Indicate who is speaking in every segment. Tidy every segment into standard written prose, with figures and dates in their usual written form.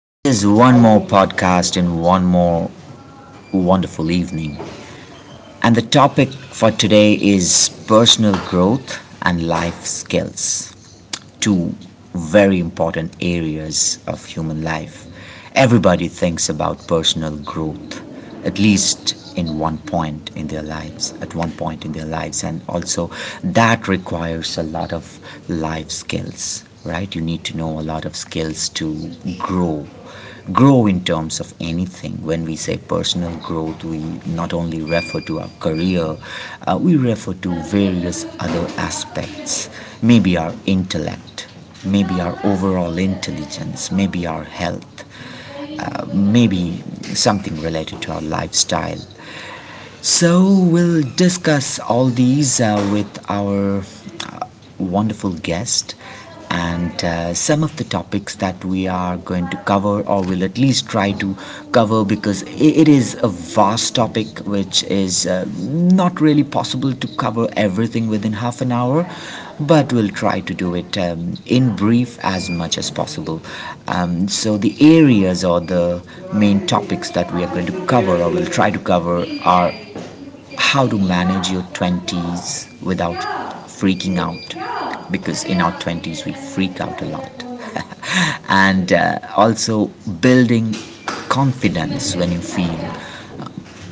Speaker 1: This is one more podcast and one more wonderful evening. And the topic for today is personal growth and life skills, two very important areas of human life. Everybody thinks about personal growth, at least in one point in their lives, at one point in their lives, and also that requires a lot of life skills, right? You need to know a lot of skills to grow grow in terms of anything. When we say personal growth, we not only refer to our career. We refer to various other aspects. Maybe our intellect, maybe our overall intelligence, maybe our health, maybe something related to our lifestyle. So we'll discuss all these with our uh, wonderful guest, and some of the topics that we are going to cover or will at least try to cover, because it is a vast topic which is not really possible to cover everything within half an hour, but we'll try to do it in brief as much as possible. So the areas or the main topics that we are going to cover or will try to cover are how to manage your 20s without freaking out, because in our 20s we freak out a lot and also building confidence when you feel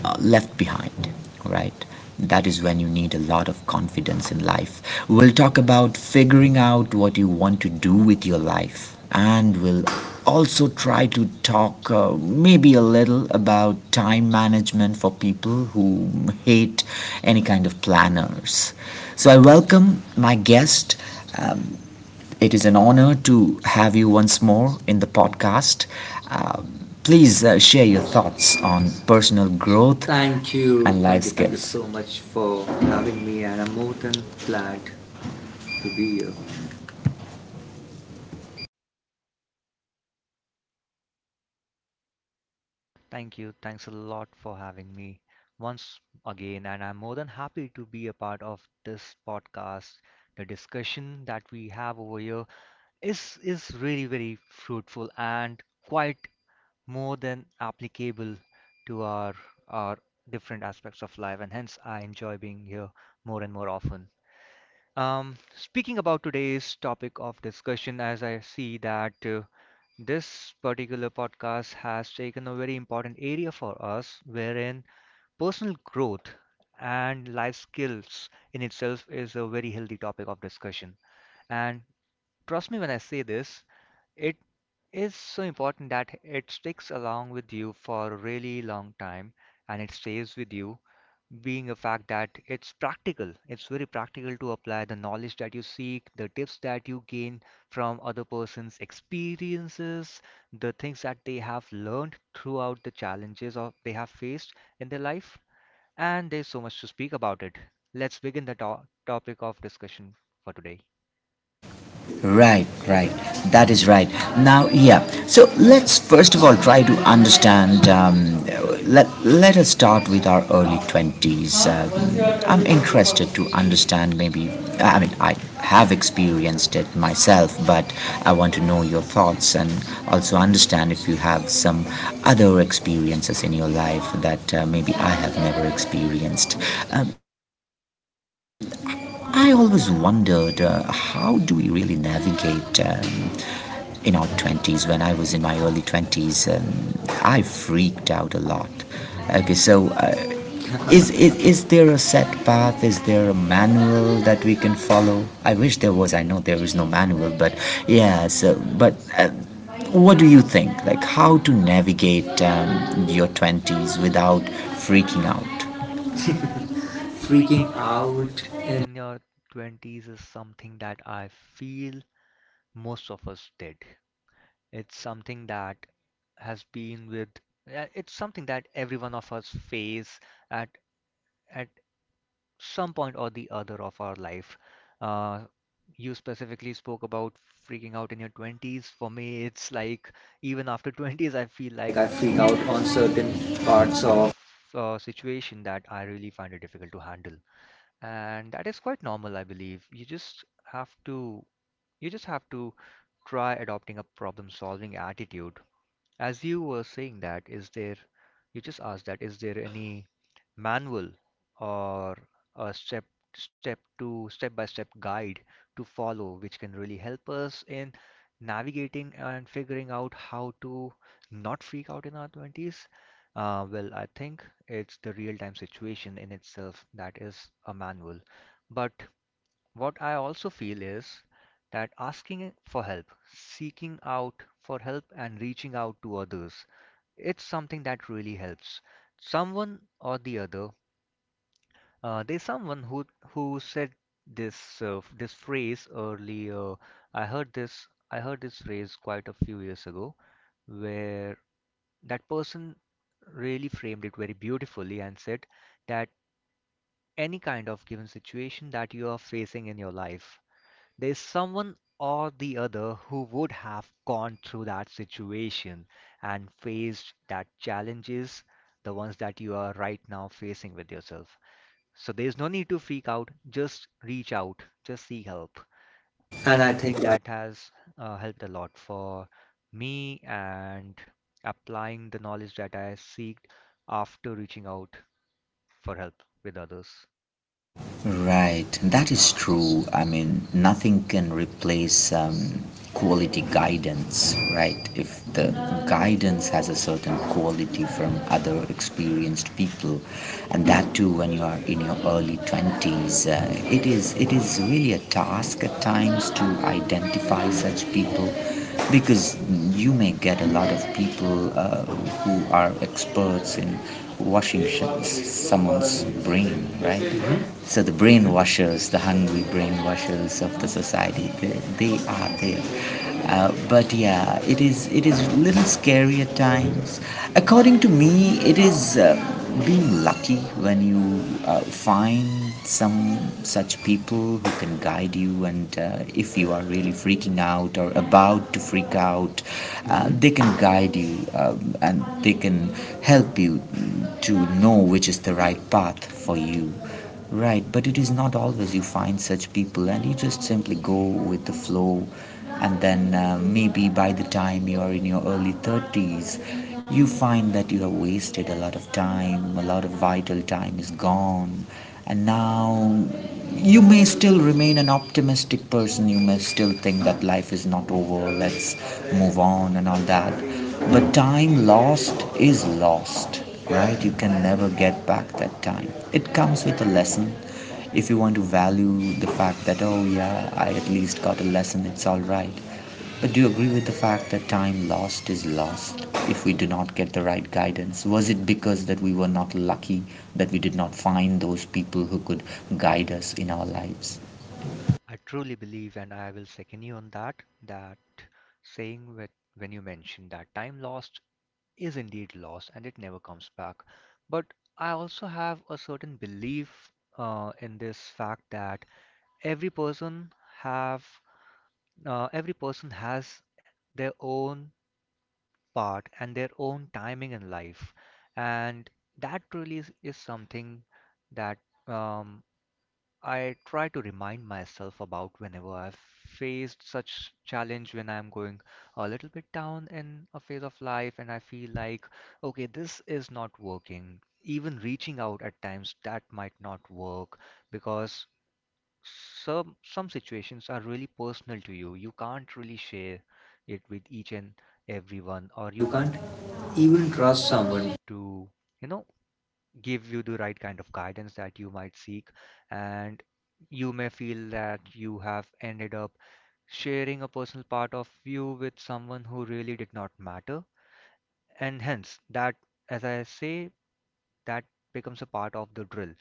Speaker 1: left behind, right? That is when you need a lot of confidence in life. We'll talk about figuring out what you want to do with your life, and we'll also try to talk, maybe a little, about time management for people who hate any kind of planners. So I welcome my guest. Uh, it is an honor to have you once more in the podcast. Uh, please share your thoughts on personal growth. Thank you. And life. Thank you, skills. Thank you so much for having me, and I'm more than glad to be here.
Speaker 2: Thank you. Thanks a lot for having me once again. And I'm more than happy to be a part of this podcast. The discussion that we have over here is really very fruitful and quite more than applicable to our different aspects of life. And hence, I enjoy being here more and more often. Speaking about today's topic of discussion, as I see that this particular podcast has taken a very important area for us, wherein personal growth and life skills in itself is a very healthy topic of discussion. And trust me when I say this, it is so important that it sticks along with you for a really long time and it stays with you being a fact that it's practical. It's very practical to apply the knowledge that you seek, the tips that you gain from other person's experiences, the things that they have learned throughout the challenges or they have faced in their life. And there's so much to speak about it. Let's begin the topic of discussion for today.
Speaker 1: Right, right. That is right. Now, yeah. So let's first of all try to understand. Let us start with our early 20s. I'm interested to understand. Maybe, I mean, I have experienced it myself, but I want to know your thoughts, and also understand if you have some other experiences in your life that maybe I have never experienced. Um, I always wondered how do we really navigate in our 20s. When I was in my early 20s, I freaked out a lot. Okay, so is there a set path? Is there a manual that we can follow? I wish there was. I know there is no manual, but yeah, so, but what do you think? Like, how to navigate your 20s without freaking out? Freaking
Speaker 2: Freaking out
Speaker 1: out, and
Speaker 2: in your 20s is something that I feel most of us did. It's something that has been with yeah, it's something that every one of us face at at some point or the other of our life. Uh, you specifically spoke about freaking out in your 20s. For me, it's like even after 20s, I feel like
Speaker 1: like
Speaker 2: I
Speaker 1: I
Speaker 2: freak
Speaker 1: freak out
Speaker 2: out
Speaker 1: on
Speaker 2: on
Speaker 1: certain
Speaker 2: certain parts
Speaker 1: parts of,
Speaker 2: of situation that I really find it difficult to handle. And that is quite normal, I believe. You just have to you just have to try adopting a problem solving attitude as you were saying that, is there, you just asked that, is there any manual or a step by step guide to follow which can really help us in navigating and figuring out how to not freak out in our 20s? Well, I think it's the real time situation in itself that is a manual. But what I also feel is that asking for help, seeking out for help, and reaching out to others, it's something that really helps. Someone or the other, there's someone who said this this phrase earlier. I heard this I heard this phrase quite a few years ago, where that person really framed it very beautifully and said that any kind of given situation that you are facing in your life, there's someone or the other who would have gone through that situation and faced that challenges, the ones that you are right now facing with yourself. So there's no need to freak out, just reach out, just seek help.
Speaker 1: and
Speaker 2: And
Speaker 1: I
Speaker 2: I think
Speaker 1: think I...
Speaker 2: that has helped a lot for me and applying the knowledge that I seeked after reaching out for help with others.
Speaker 1: Right, that is true. I mean, nothing can replace quality guidance, right? If the guidance has a certain quality from other experienced people, and that too when you are in your early 20s, it is really a task at times to identify such people, because you may get a lot of people who are experts in washing someone's brain, right?
Speaker 2: hmm
Speaker 1: Mm-hmm. So the
Speaker 2: hmm
Speaker 1: brainwashers, the hungry brainwashers of the society, they are there. But yeah, it is a little scary at times. According to me, it is. Being lucky when you find some such people who can guide you, and if you are really freaking out or about to freak out,
Speaker 2: hmm
Speaker 1: they can guide you, and they can help you to know which is the right path for you. Right, but it is not always you find such people, and you just simply go with the flow. And then maybe by the time you are in your early 30s, you find that you have wasted a lot of time, a lot of vital time is gone, and now you may still remain an optimistic person, you may still think that life is not over, let's move on, and all that. But time lost is lost, right? You can never get back that time. It comes with a lesson. If you want to value the fact that, oh yeah, I at least got a lesson, it's all right. But do you agree with the fact that time lost is lost if we do not get the right guidance? Was it because that we were not lucky, that we did not find those people who could guide us in our lives?
Speaker 2: I truly believe, and I will second you on that, that saying with, when you mentioned that time lost is indeed lost and it never comes back. But I also have a certain belief in this fact that every person have every person has their own part and their own timing in life, and that really is something that um, I try to remind myself about whenever I've faced such challenge when I'm going a little bit down in a phase of life and I feel like, okay, this is not working. Even reaching out at times, that might not work because some situations are really personal to you. You can't really share it with each and everyone, or
Speaker 1: Or
Speaker 2: you
Speaker 1: you
Speaker 2: can't
Speaker 1: can't
Speaker 2: even
Speaker 1: even
Speaker 2: trust
Speaker 1: trust
Speaker 2: someone
Speaker 1: someone.
Speaker 2: to, you know, give you the right kind of guidance that you might seek and you may feel that you have ended up sharing a personal part of you with someone who really did not matter, and hence that, as I say, that becomes a part of the drill,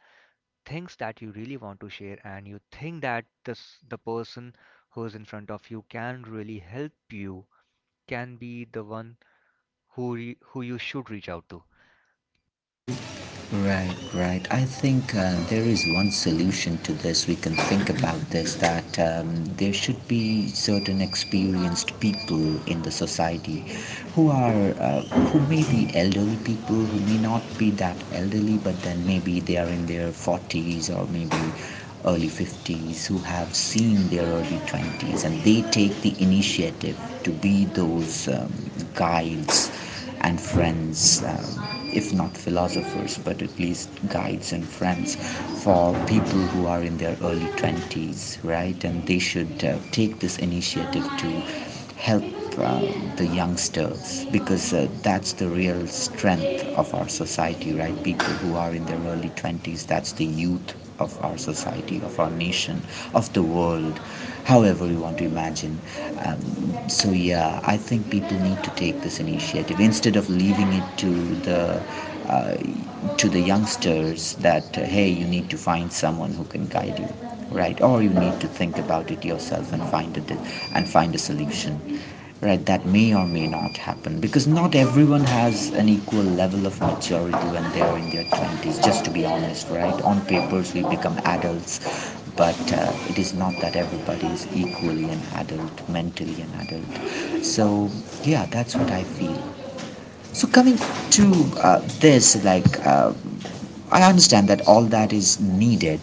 Speaker 2: things that you really want to share and you think that this the person who's in front of you can really help you, can be the one who who you should reach out to.
Speaker 1: Right, right. I think there is one solution to this. We can think about this, that there should be certain experienced people in the society who are uh, who may be elderly people, who may not be that elderly, but then maybe they are in their 40s, or maybe early 50s, who have seen their early 20s, and they take the initiative to be those guides and friends, if not philosophers, but at least guides and friends for people who are in their early 20s, right? And they should take this initiative to help uh, the youngsters, because that's the real strength of our society, right? People who are in their early 20s, that's the youth of our society, of our nation, of the world, however you want to imagine. So, yeah, I think people need to take this initiative, instead of leaving it the uh, to the youngsters, that hey, you need to find someone who can guide you, right? Or you need to think about it yourself and find a solution. Right, that may or may not happen, because not everyone has an equal level of maturity when they are in their 20s, just to be honest. Right, on papers we become adults, but it is not that everybody is equally an adult, mentally an adult. So yeah, that's what I feel. So coming to uh, this, like, I understand that all that is needed.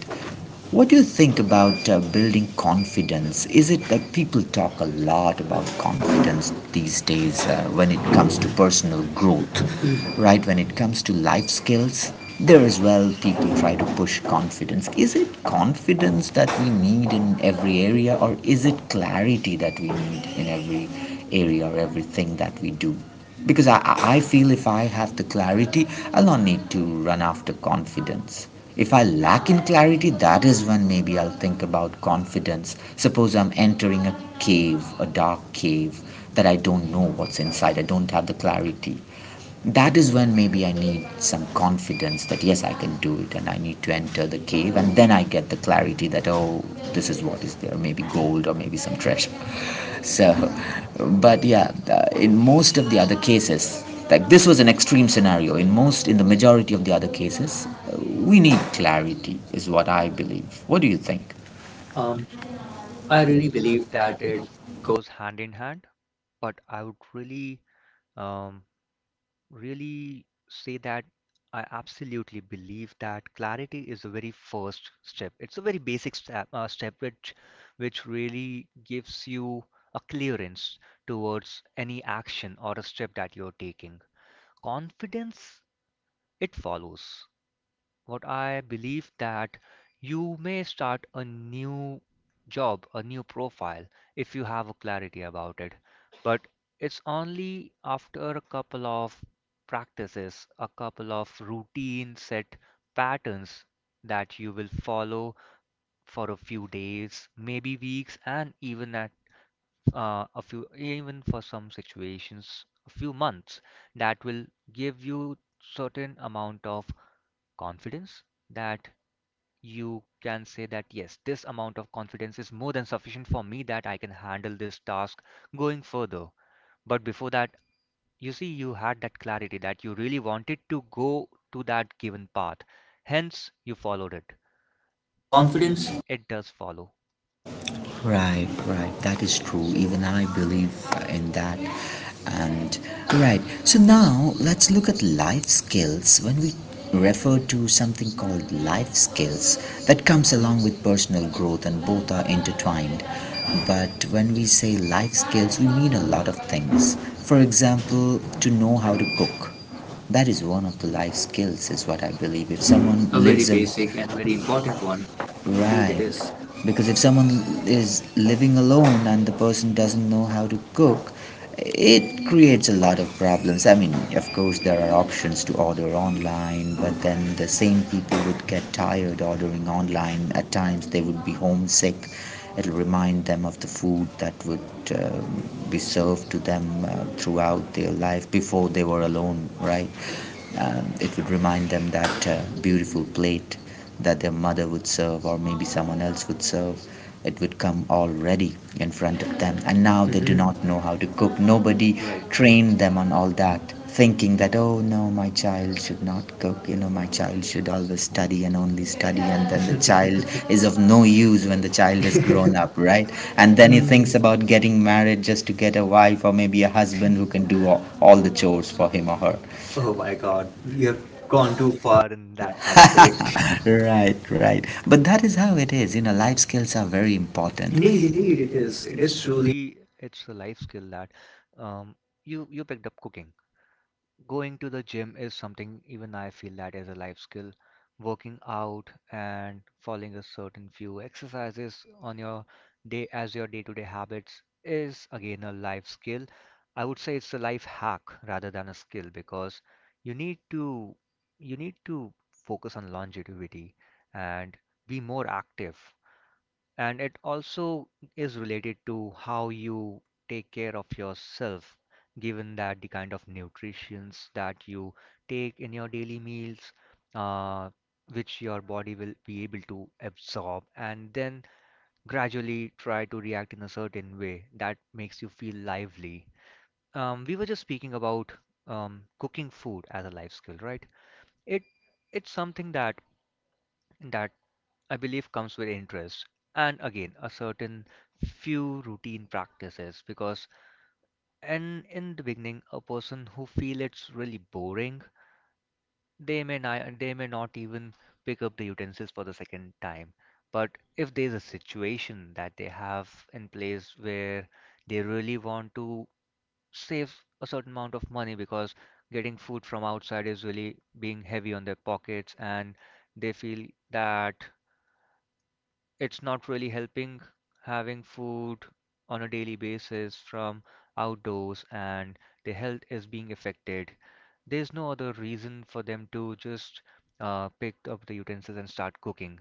Speaker 1: What do you think about building confidence? Is it, like, people talk a lot about confidence these days, when it comes to personal growth, right? When it comes to life skills, there as well, people try to push confidence. Is it confidence that we need in every area, or is it clarity that we need in every area, or everything that we do? Because I feel, if I have the clarity, I'll not need to run after confidence. If I lack in clarity, that is when maybe I'll think about confidence. Suppose I'm entering a cave, a dark cave, that I don't know what's inside, I don't have the clarity. That is when maybe I need some confidence, that yes, I can do it, and I need to enter the cave, and then I get the clarity that, oh, this is what is there, maybe gold or maybe some treasure. So, but yeah, in most of the other cases, like, this was an extreme scenario. In the majority of the other cases, we need clarity, is what I believe. What do you think?
Speaker 2: um
Speaker 1: Um,
Speaker 2: i
Speaker 1: I
Speaker 2: really
Speaker 1: really
Speaker 2: believe
Speaker 1: believe
Speaker 2: that
Speaker 1: that
Speaker 2: it
Speaker 1: it goes.
Speaker 2: goes hand in hand. But I would really, um, really say that I absolutely believe that clarity is a very first step. It's a very basic step, which really gives you a clearance towards any action or a step that you're taking. Confidence, it follows what I believe that you may start a new job, a new profile if you have a clarity about it. But it's only after a couple of practices, a couple of routine set patterns that you will follow for a few days, maybe weeks, and even at even for some situations, a few months that will give you certain amount of confidence that you can say that yes, this amount of confidence is more than sufficient for me that I can handle this task going further. But before that, you see, you had that clarity that you really wanted to go to that given path. Hence, you followed it.
Speaker 1: Confidence.
Speaker 2: Confidence, it does follow.
Speaker 1: Right, right. That is true. Even I believe in that. And right. So now let's look at life skills. When we refer to something called life skills, that comes along with personal growth, and both are intertwined. But when we say life skills, we mean a lot of things. For example, to know how to cook, that is one of the life skills, is what I believe. If someone... A
Speaker 2: A
Speaker 1: very lives
Speaker 2: very
Speaker 1: a
Speaker 2: basic
Speaker 1: basic and
Speaker 2: and very
Speaker 1: very important
Speaker 2: important
Speaker 1: one.
Speaker 2: one.
Speaker 1: Indeed, it...
Speaker 2: Indeed, it
Speaker 1: Right...
Speaker 2: is.
Speaker 1: is. Because if someone is living alone and the person doesn't know how to cook, it creates a lot of problems. I mean, of course, there are options to order online, but then the same people would get tired ordering online. At times, they would be homesick. It'll remind them of the food that would um, be served to them throughout their life before they were alone, right? It would remind them, that beautiful plate that their mother would serve, or maybe someone else would serve, it would come already in front of them. And now they do
Speaker 2: Mhm,
Speaker 1: not know how to cook. Nobody
Speaker 2: right.
Speaker 1: trained them on all that, thinking that, oh no, my child should not cook. My child should always study and only study. And then the child is of no use when the child is grown up right. And then he
Speaker 2: Mm,
Speaker 1: thinks about getting married, just to get a wife or maybe a husband who can do all the chores for him or her. Oh
Speaker 2: oh
Speaker 1: my
Speaker 2: my God,
Speaker 1: God, we
Speaker 2: you have
Speaker 1: have
Speaker 2: gone
Speaker 1: gone too
Speaker 2: too
Speaker 1: far
Speaker 2: far in
Speaker 1: in
Speaker 2: that
Speaker 1: that
Speaker 2: aspect.
Speaker 1: conversation. Right, right, but that is how it is, you know, life skills are very important.
Speaker 2: Indeed,
Speaker 1: Indeed,
Speaker 2: indeed.
Speaker 1: indeed, it is. It
Speaker 2: It is
Speaker 1: is truly
Speaker 2: truly it's a life skill that um, you picked up cooking. Going to the gym is something even I feel that is a life skill. Working out and following a certain few exercises on your day as your day-to-day habits is again a life skill. I would say it's a life hack rather than a skill because you need to you need to focus on longevity and be more active, and it also is related to how you take care of yourself, given that the kind of nutritions that you take in your daily meals, uh, which your body will be able to absorb and then gradually try to react in a certain way that makes you feel lively. We were just speaking about cooking food as a life skill, right? It it's something that I believe comes with interest and again a certain few routine practices because and in the beginning a person who feel it's really boring, they may not even pick up the utensils for the second time. But if there's a situation that they have in place where they really want to save a certain amount of money because getting food from outside is really being heavy on their pockets and they feel that it's not really helping having food on a daily basis from outdoors and their health is being affected. There's no other reason for them to just pick up the utensils and start cooking.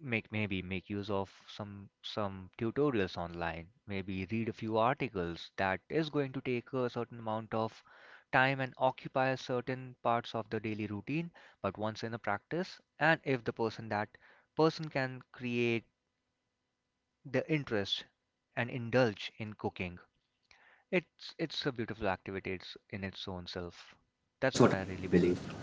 Speaker 2: Make maybe make use of some tutorials online. Maybe read a few articles that is going to take a certain amount of time and occupy certain parts of the daily routine. But once in a practice, and if the person that person can create the interest and indulge in cooking. It's a beautiful activity it's in its own self. That's what I really believe.
Speaker 1: believable.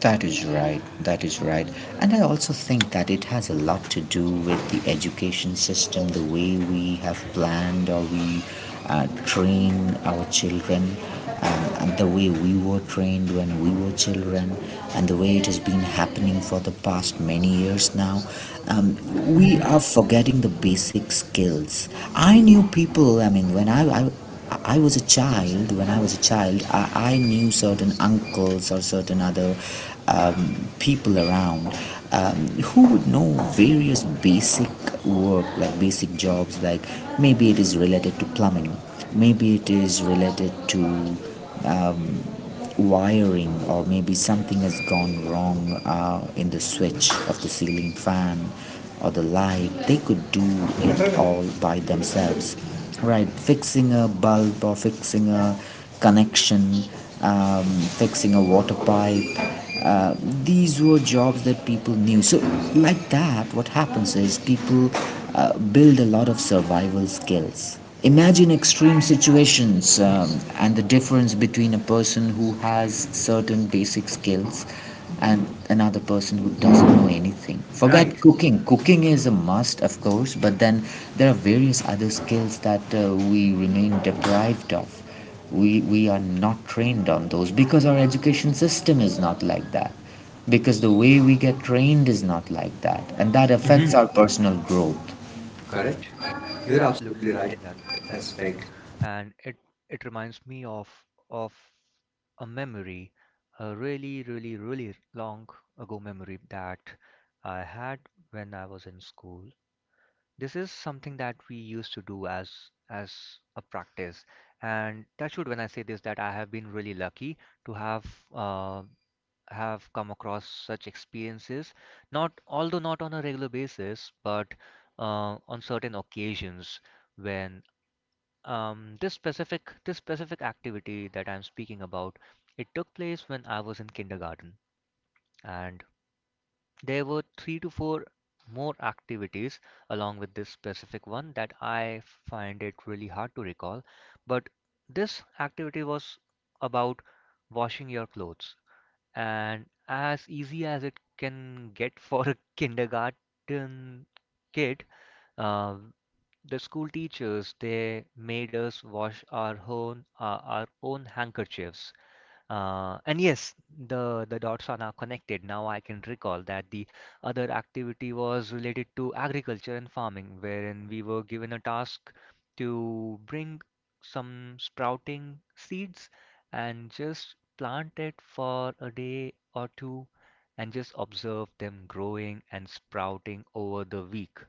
Speaker 1: That is right. That is right. And I also think that it has a lot to do with the education system, the way we have planned or we train our children, and the way we were trained when we were children, and the way it has been happening for the past many years now. Um, we
Speaker 2: Hmm
Speaker 1: are forgetting the basic skills. I knew people, I mean, when I was a child, when I was a child, I knew certain uncles or certain other people around, who would know various basic work, like basic jobs, like maybe it is related to plumbing, maybe it is related to um, wiring, or maybe something has gone wrong in the switch of the ceiling fan or the light. They could do it all by themselves, right? Fixing a bulb or fixing a connection, fixing a water pipe, uh, these were jobs that people knew. So like that, what happens is people build a lot of survival skills. Imagine extreme situations, and the difference between a person who has certain basic skills and another person who doesn't know anything. Forget
Speaker 2: Right.
Speaker 1: Right. cooking. Cooking is a must, of course, but then there are various other skills that we remain deprived of. We are not trained on those because our education system is not like that. Because the way we get trained is not like that. And that affects
Speaker 2: hmm
Speaker 1: hmm our personal growth. Correct.
Speaker 2: Correct. You're
Speaker 1: You're
Speaker 2: absolutely
Speaker 1: absolutely
Speaker 2: right
Speaker 1: right in
Speaker 2: in that
Speaker 1: that
Speaker 2: aspect,
Speaker 1: aspect.
Speaker 2: and it reminds me of of a memory, a really really really long ago memory that I had when I was in school. This is something that we used to do as as a practice, and that should when I say this that I have been really lucky to uh, have come across such experiences not although not on a regular basis but on certain occasions when this specific activity that I'm speaking about, it took place when I was in kindergarten. And there were 3 to 4 more activities along with this specific one that I find it really hard to recall. But this activity was about washing your clothes. And as easy as it can get for a kindergarten kid, uh, the school teachers they made us wash our own handkerchiefs, and yes, the dots are now connected. Now I can recall that the other activity was related to agriculture and farming, wherein we were given a task to bring some sprouting seeds and just plant it for a day or two and just observe them growing and sprouting over the week.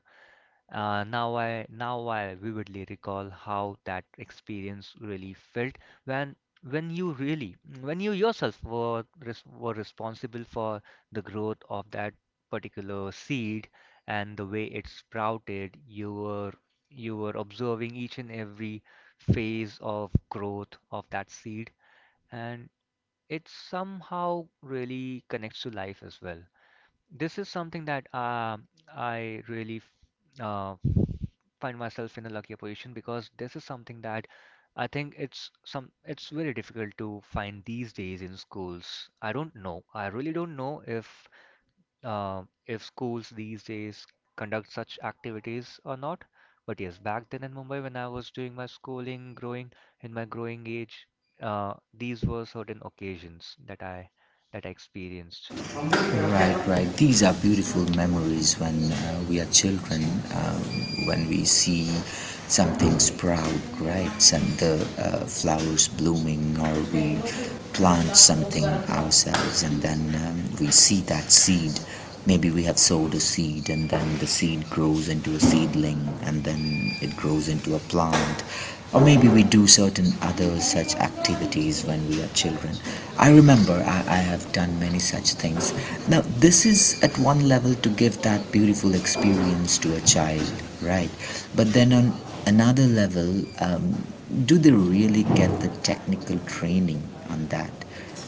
Speaker 2: Now I vividly recall how that experience really felt when when you really when you yourself were res were responsible for the growth of that particular seed, and the way it sprouted, you were observing each and every phase of growth of that seed, and it somehow really connects to life as well. This is something that I really uh, find myself in a luckier position because this is something that I think it's very difficult to find these days in schools. I don't know. I really don't know if schools these days conduct such activities or not. But yes, back then in Mumbai when I was doing my schooling, growing in my growing age, these were certain occasions that I experienced.
Speaker 1: Right, right. These are beautiful memories when we are children, uh, when we see something sprout, right? And the flowers blooming, or we plant something ourselves, and then we see that seed. Maybe we have sowed a seed, and then the seed grows into a seedling, and then it grows into a plant. Or maybe we do certain other such activities when we are children. I have done many such things. Now this is at one level to give that beautiful experience to a child, right? But then on another level, do they really get the technical training on that?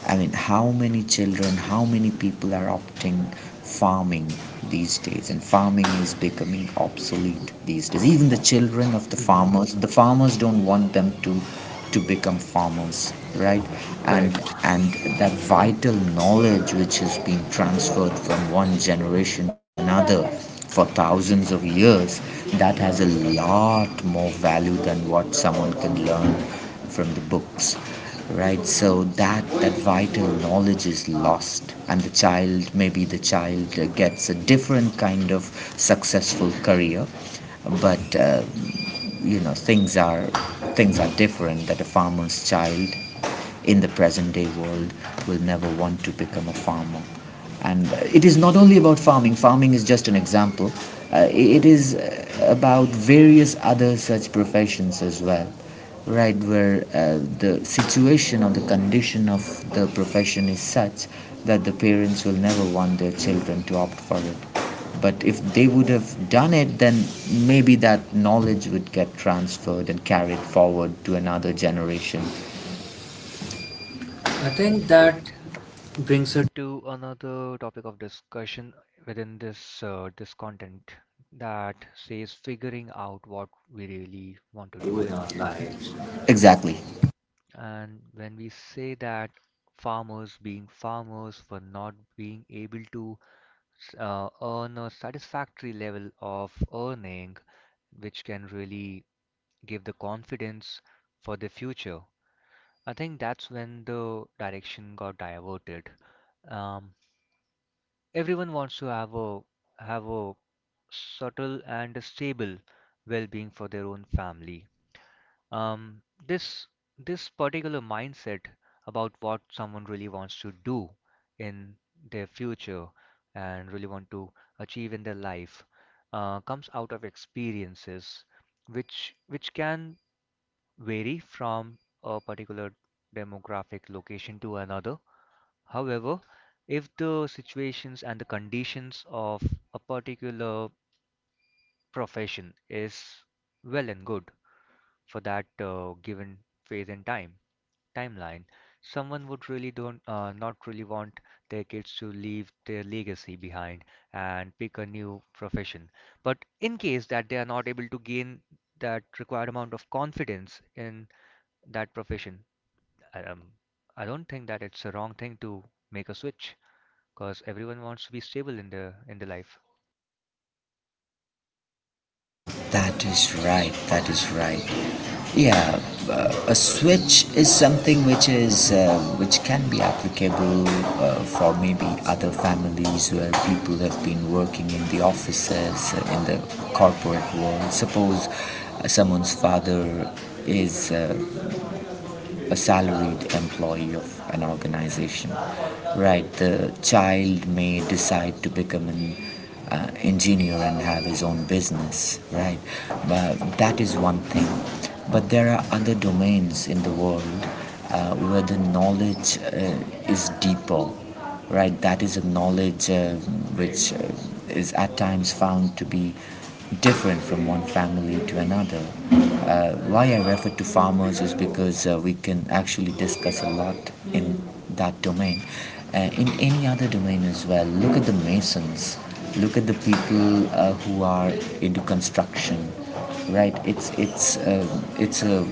Speaker 1: I mean, how many children, how many people are opting farming these days? And farming is becoming obsolete these days. Even the children of
Speaker 2: Hmm.
Speaker 1: the farmers don't want them to become farmers, right? Right. And
Speaker 2: Correct.
Speaker 1: Right. and that vital knowledge which has been transferred from one generation to another for thousands of years, that has
Speaker 2: Mhm.
Speaker 1: a lot more value than what someone can learn from the books, right? So that that vital knowledge is lost, and the child, maybe the child gets a different kind of successful career, but you know, things are different. That a farmer's child in the present day world will never want to become a farmer. And it is not only about farming, farming is just an example. It is about various other such professions as well, right? Where the situation or the condition of the profession is such that the parents will never want their children to opt for it. But if they would have done it, then maybe that knowledge would get transferred and carried forward to another generation. I
Speaker 2: I think
Speaker 1: think
Speaker 2: that
Speaker 1: that brings
Speaker 2: brings us
Speaker 1: it
Speaker 2: to another topic of discussion within this this content that says figuring out what we really want to
Speaker 1: to
Speaker 2: do
Speaker 1: in
Speaker 2: in
Speaker 1: our
Speaker 2: our
Speaker 1: lives.
Speaker 2: lives.
Speaker 1: Exactly.
Speaker 2: And when we say that farmers for not being able to earn a satisfactory level of earning, which can really give the confidence for the future, I think that's when the direction got diverted. Um, Everyone wants to have a subtle and stable well-being for their own family. Um, this this particular mindset about what someone really wants to do in their future and really want to achieve in their life comes out of experiences which can vary from a particular demographic location to another. However, if the situations and the conditions of a particular profession is well and good for that given phase and time timeline, someone would really don't not really want their kids to leave their legacy behind and pick a new profession. But in case that they are not able to gain that required amount of confidence in that profession, um, I don't think that it's a wrong thing to make a switch because everyone wants to be stable in the life.
Speaker 1: That is right. That is right. Yeah, a switch is something which is which can be applicable for maybe other families where people have been working in the offices, in the corporate world. Suppose someone's father is a salaried employee of an organization, right? The child may decide to become an engineer and have his own business, right? But that is one thing. But there are other domains in the world, where the knowledge is deeper, right? That is a knowledge which is at times found to be different from one family to another. Why I refer to farmers is because we can actually discuss a lot in that domain. In any other domain as well, look at the masons, look at the people who are into construction, right? It's a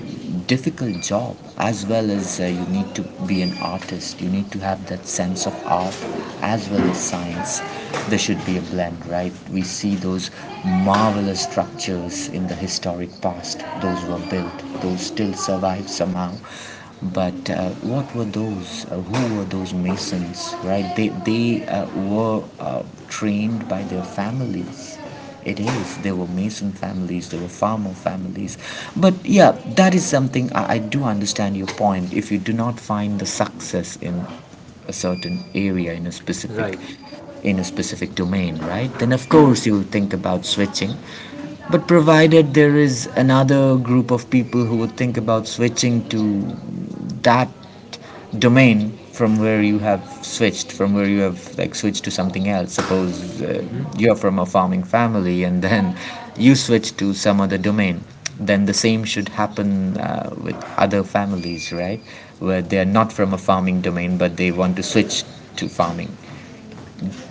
Speaker 1: difficult job, as well as you need to be an artist, you need to have that sense of art as well as science. There should be a blend, right? We see those marvelous structures in the historic past, those were built, those still survive somehow. But what were those, who were those masons, right? They they uh, were uh, trained by their families. It is. There were Mason families, there were farmer families. But yeah, that is something, I do understand your point. If you do not find the success in a certain area, in a specific
Speaker 2: Right.
Speaker 1: right in a specific domain, right? Then of course you'll think about switching. But provided there is another group of people who would think about switching to that domain, from where you have switched, from where you have like switched to something else. Suppose
Speaker 2: Hmm.
Speaker 1: you're from a farming family and then you switch to some other domain, then the same should happen with other families, right? Where they're not from a farming domain, but they want to switch to farming.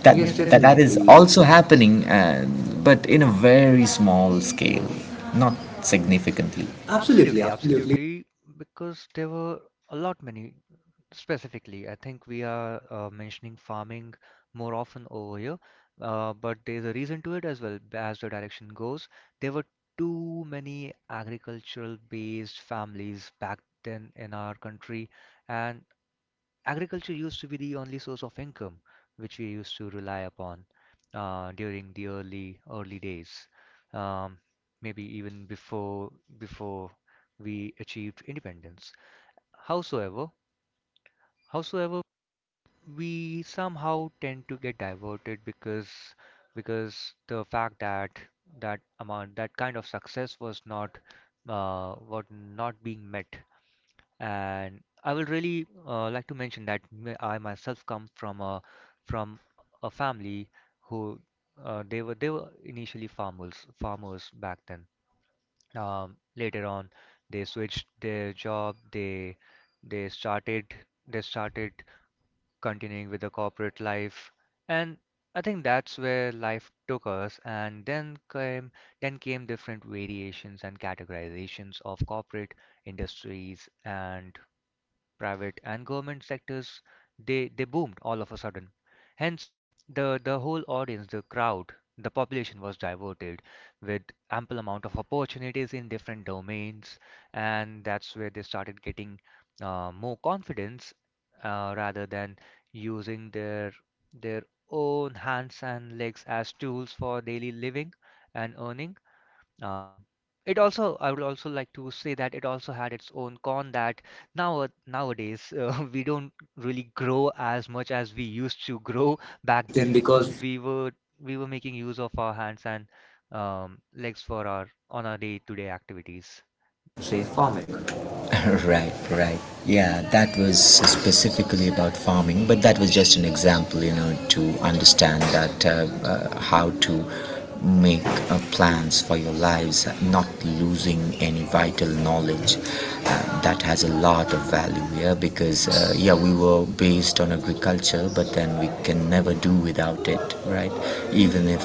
Speaker 1: That Yes,
Speaker 2: Yes,
Speaker 1: that, that is definitely.
Speaker 2: definitely.
Speaker 1: Also happening, but in a very small scale, not significantly. Absolutely,
Speaker 2: Absolutely,
Speaker 1: absolutely.
Speaker 2: absolutely, because there were a lot many, specifically I think we are mentioning farming more often over here, but there's a reason to it as well. As the direction goes, there were too many agricultural based families back then in our country, and agriculture used to be the only source of income which we used to rely upon during the early days. um, Maybe even before we achieved independence. Howsoever howsoever we somehow tend to get diverted because the fact that that amount that kind of success was uh, was not being met. And I will really like to mention that I myself come from from a family who, they were initially farmers back then. Later on, they switched their job. They started they started continuing with the corporate life, and I think that's where life took us. And then came different variations and categorizations of corporate industries and private and government sectors. They boomed all of a sudden. Hence, the whole audience, the crowd, the population was diverted with ample amount of opportunities in different domains, and that's where they started getting more confidence rather than using their own hands and legs as tools for daily living and earning. um, I would also like to say that it also had its own con, that nowadays we don't really grow as much as we used to grow back
Speaker 1: Back then,
Speaker 2: then, because
Speaker 1: because
Speaker 2: we were making use of our hands and legs for our on our day-to-day activities,
Speaker 1: say
Speaker 2: say
Speaker 1: farming.
Speaker 2: farming.
Speaker 1: Right, right. Yeah, that was specifically about farming, but that was just an example, you know, to understand that how to make plans for your lives, not losing any vital knowledge. That has a lot of value here, yeah, because, yeah, we were based on agriculture, but then we can never do without it, right? Even if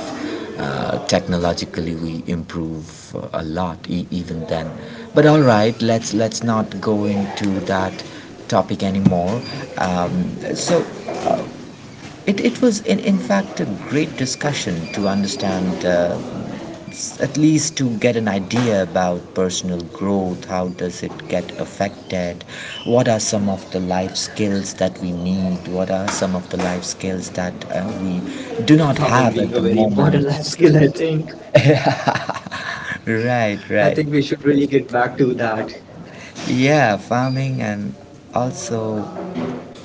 Speaker 1: technologically, we improve a lot, even then. But all right, let's not go into that topic anymore. So it was in fact a great discussion to understand, at least to get an idea about personal growth, how does it get affected, what are some of the life skills that we need, what are some of the life skills that we do not
Speaker 2: Farming
Speaker 1: have. Probably
Speaker 2: being
Speaker 1: at a the
Speaker 2: a
Speaker 1: a very
Speaker 2: very
Speaker 1: moment
Speaker 2: important
Speaker 1: important moment?
Speaker 2: life
Speaker 1: life
Speaker 2: skill,
Speaker 1: skill,
Speaker 2: I
Speaker 1: I think.
Speaker 2: think.
Speaker 1: right I
Speaker 2: I
Speaker 1: right
Speaker 2: think
Speaker 1: think
Speaker 2: we
Speaker 1: we should
Speaker 2: should really
Speaker 1: really
Speaker 2: get
Speaker 1: get
Speaker 2: back
Speaker 1: back
Speaker 2: to
Speaker 1: to
Speaker 2: that.
Speaker 1: that. Yeah, farming and also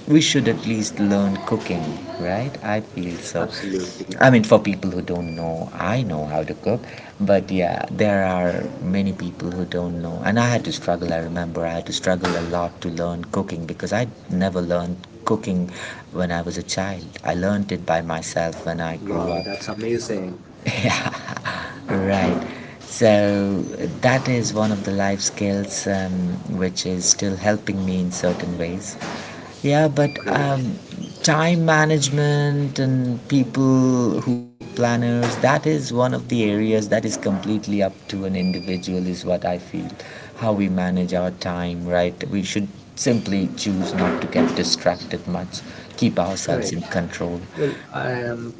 Speaker 1: we should at least learn cooking, right? I feel so. Absolutely.
Speaker 2: Absolutely.
Speaker 1: I mean, for people who don't know, I know how to cook, but yeah, there are many people who don't know. And I had to struggle, I remember, I had to struggle a lot to learn cooking, because I never learned cooking when I was a child. I learned it by myself when I grew Wow,
Speaker 2: Wow,
Speaker 1: up. That's
Speaker 2: that's
Speaker 1: amazing.
Speaker 2: amazing.
Speaker 1: Yeah, right. So that is one of the life skills, which is still helping me in certain ways. Yeah, but
Speaker 2: Great.
Speaker 1: time management, and people who hate planners, that is one of the areas that is completely up to an individual, is what I feel. How we manage our time, right? We should simply choose not to get distracted much, keep ourselves in
Speaker 2: Correct.
Speaker 1: Correct. Control. Well,
Speaker 2: Well, I
Speaker 1: I am
Speaker 2: am —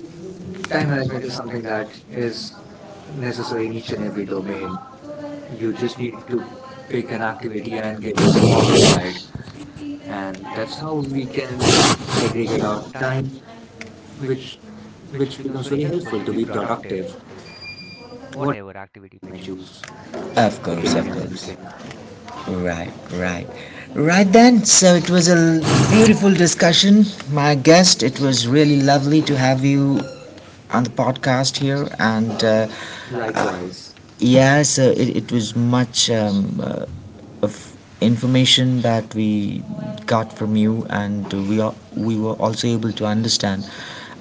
Speaker 2: time
Speaker 1: Time management
Speaker 2: management
Speaker 1: is
Speaker 2: is
Speaker 1: something
Speaker 2: something
Speaker 1: that
Speaker 2: that is
Speaker 1: is necessary
Speaker 2: necessary
Speaker 1: in
Speaker 2: in
Speaker 1: each
Speaker 2: each and
Speaker 1: and every
Speaker 2: every
Speaker 1: domain.
Speaker 2: domain.
Speaker 1: You
Speaker 2: You
Speaker 1: just
Speaker 2: just
Speaker 1: need
Speaker 2: need
Speaker 1: to
Speaker 2: to
Speaker 1: pick
Speaker 2: pick
Speaker 1: an
Speaker 2: an
Speaker 1: activity
Speaker 2: activity
Speaker 1: and
Speaker 2: and
Speaker 1: give
Speaker 2: get
Speaker 1: it
Speaker 2: yourself
Speaker 1: yourself
Speaker 2: occupied,
Speaker 1: occupied, and
Speaker 2: and
Speaker 1: that's
Speaker 2: that's how
Speaker 1: how we
Speaker 2: we
Speaker 1: can
Speaker 2: can segregate
Speaker 1: segregate
Speaker 2: our
Speaker 1: our time,
Speaker 2: time,
Speaker 1: which
Speaker 2: which which
Speaker 1: which
Speaker 2: becomes
Speaker 1: becomes very
Speaker 2: very helpful
Speaker 1: helpful
Speaker 2: to
Speaker 1: to
Speaker 2: be
Speaker 1: be productive.
Speaker 2: productive,
Speaker 1: What
Speaker 2: whatever activity you
Speaker 1: you
Speaker 2: may
Speaker 1: may choose
Speaker 2: choose,
Speaker 1: Of course,
Speaker 2: cooking
Speaker 1: during of your
Speaker 2: and
Speaker 1: course.
Speaker 2: anything.
Speaker 1: Weekend. Right, right. Right then, so it was a beautiful discussion, my guest. It was really lovely to have you on the podcast here, and
Speaker 2: Likewise,
Speaker 1: Likewise. Yes, it was much of information that we got from you, and we were also able to understand.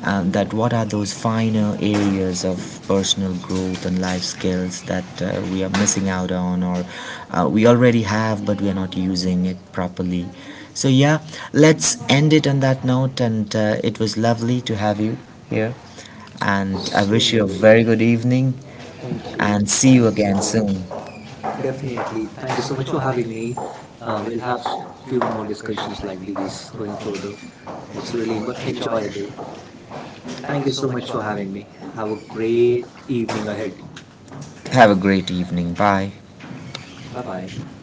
Speaker 1: That what are those finer areas of personal growth and life skills that we are missing out on, or we already have but we are not using it properly. So yeah, let's end it on that note, and it was lovely to have you here, and I
Speaker 2: same
Speaker 1: wish you a
Speaker 2: here.
Speaker 1: very good evening Thank you.
Speaker 2: Thank you.
Speaker 1: And see you
Speaker 2: Thanks a
Speaker 1: again
Speaker 2: lot.
Speaker 1: soon. Definitely.
Speaker 2: Definitely. Thank
Speaker 1: Thank
Speaker 2: you
Speaker 1: you
Speaker 2: so
Speaker 1: so
Speaker 2: much
Speaker 1: much
Speaker 2: for
Speaker 1: for
Speaker 2: having
Speaker 1: having me.
Speaker 2: me. We'll
Speaker 1: We'll
Speaker 2: have
Speaker 1: have few
Speaker 2: few more
Speaker 1: more
Speaker 2: discussions
Speaker 1: discussions like
Speaker 2: like these
Speaker 1: these
Speaker 2: going
Speaker 1: going
Speaker 2: further.
Speaker 1: further.
Speaker 2: It's
Speaker 1: It's really
Speaker 2: really enjoyable.
Speaker 1: enjoyable.
Speaker 2: Thank
Speaker 1: Thank
Speaker 2: you
Speaker 1: you
Speaker 2: so
Speaker 1: so
Speaker 2: much
Speaker 1: much
Speaker 2: for
Speaker 1: for
Speaker 2: having
Speaker 1: having me.
Speaker 2: me. Have
Speaker 1: Have
Speaker 2: a
Speaker 1: a
Speaker 2: great
Speaker 1: great
Speaker 2: evening
Speaker 1: evening
Speaker 2: ahead.
Speaker 1: ahead. Have a great evening. Bye.
Speaker 2: Bye
Speaker 1: Bye
Speaker 2: bye.
Speaker 1: bye.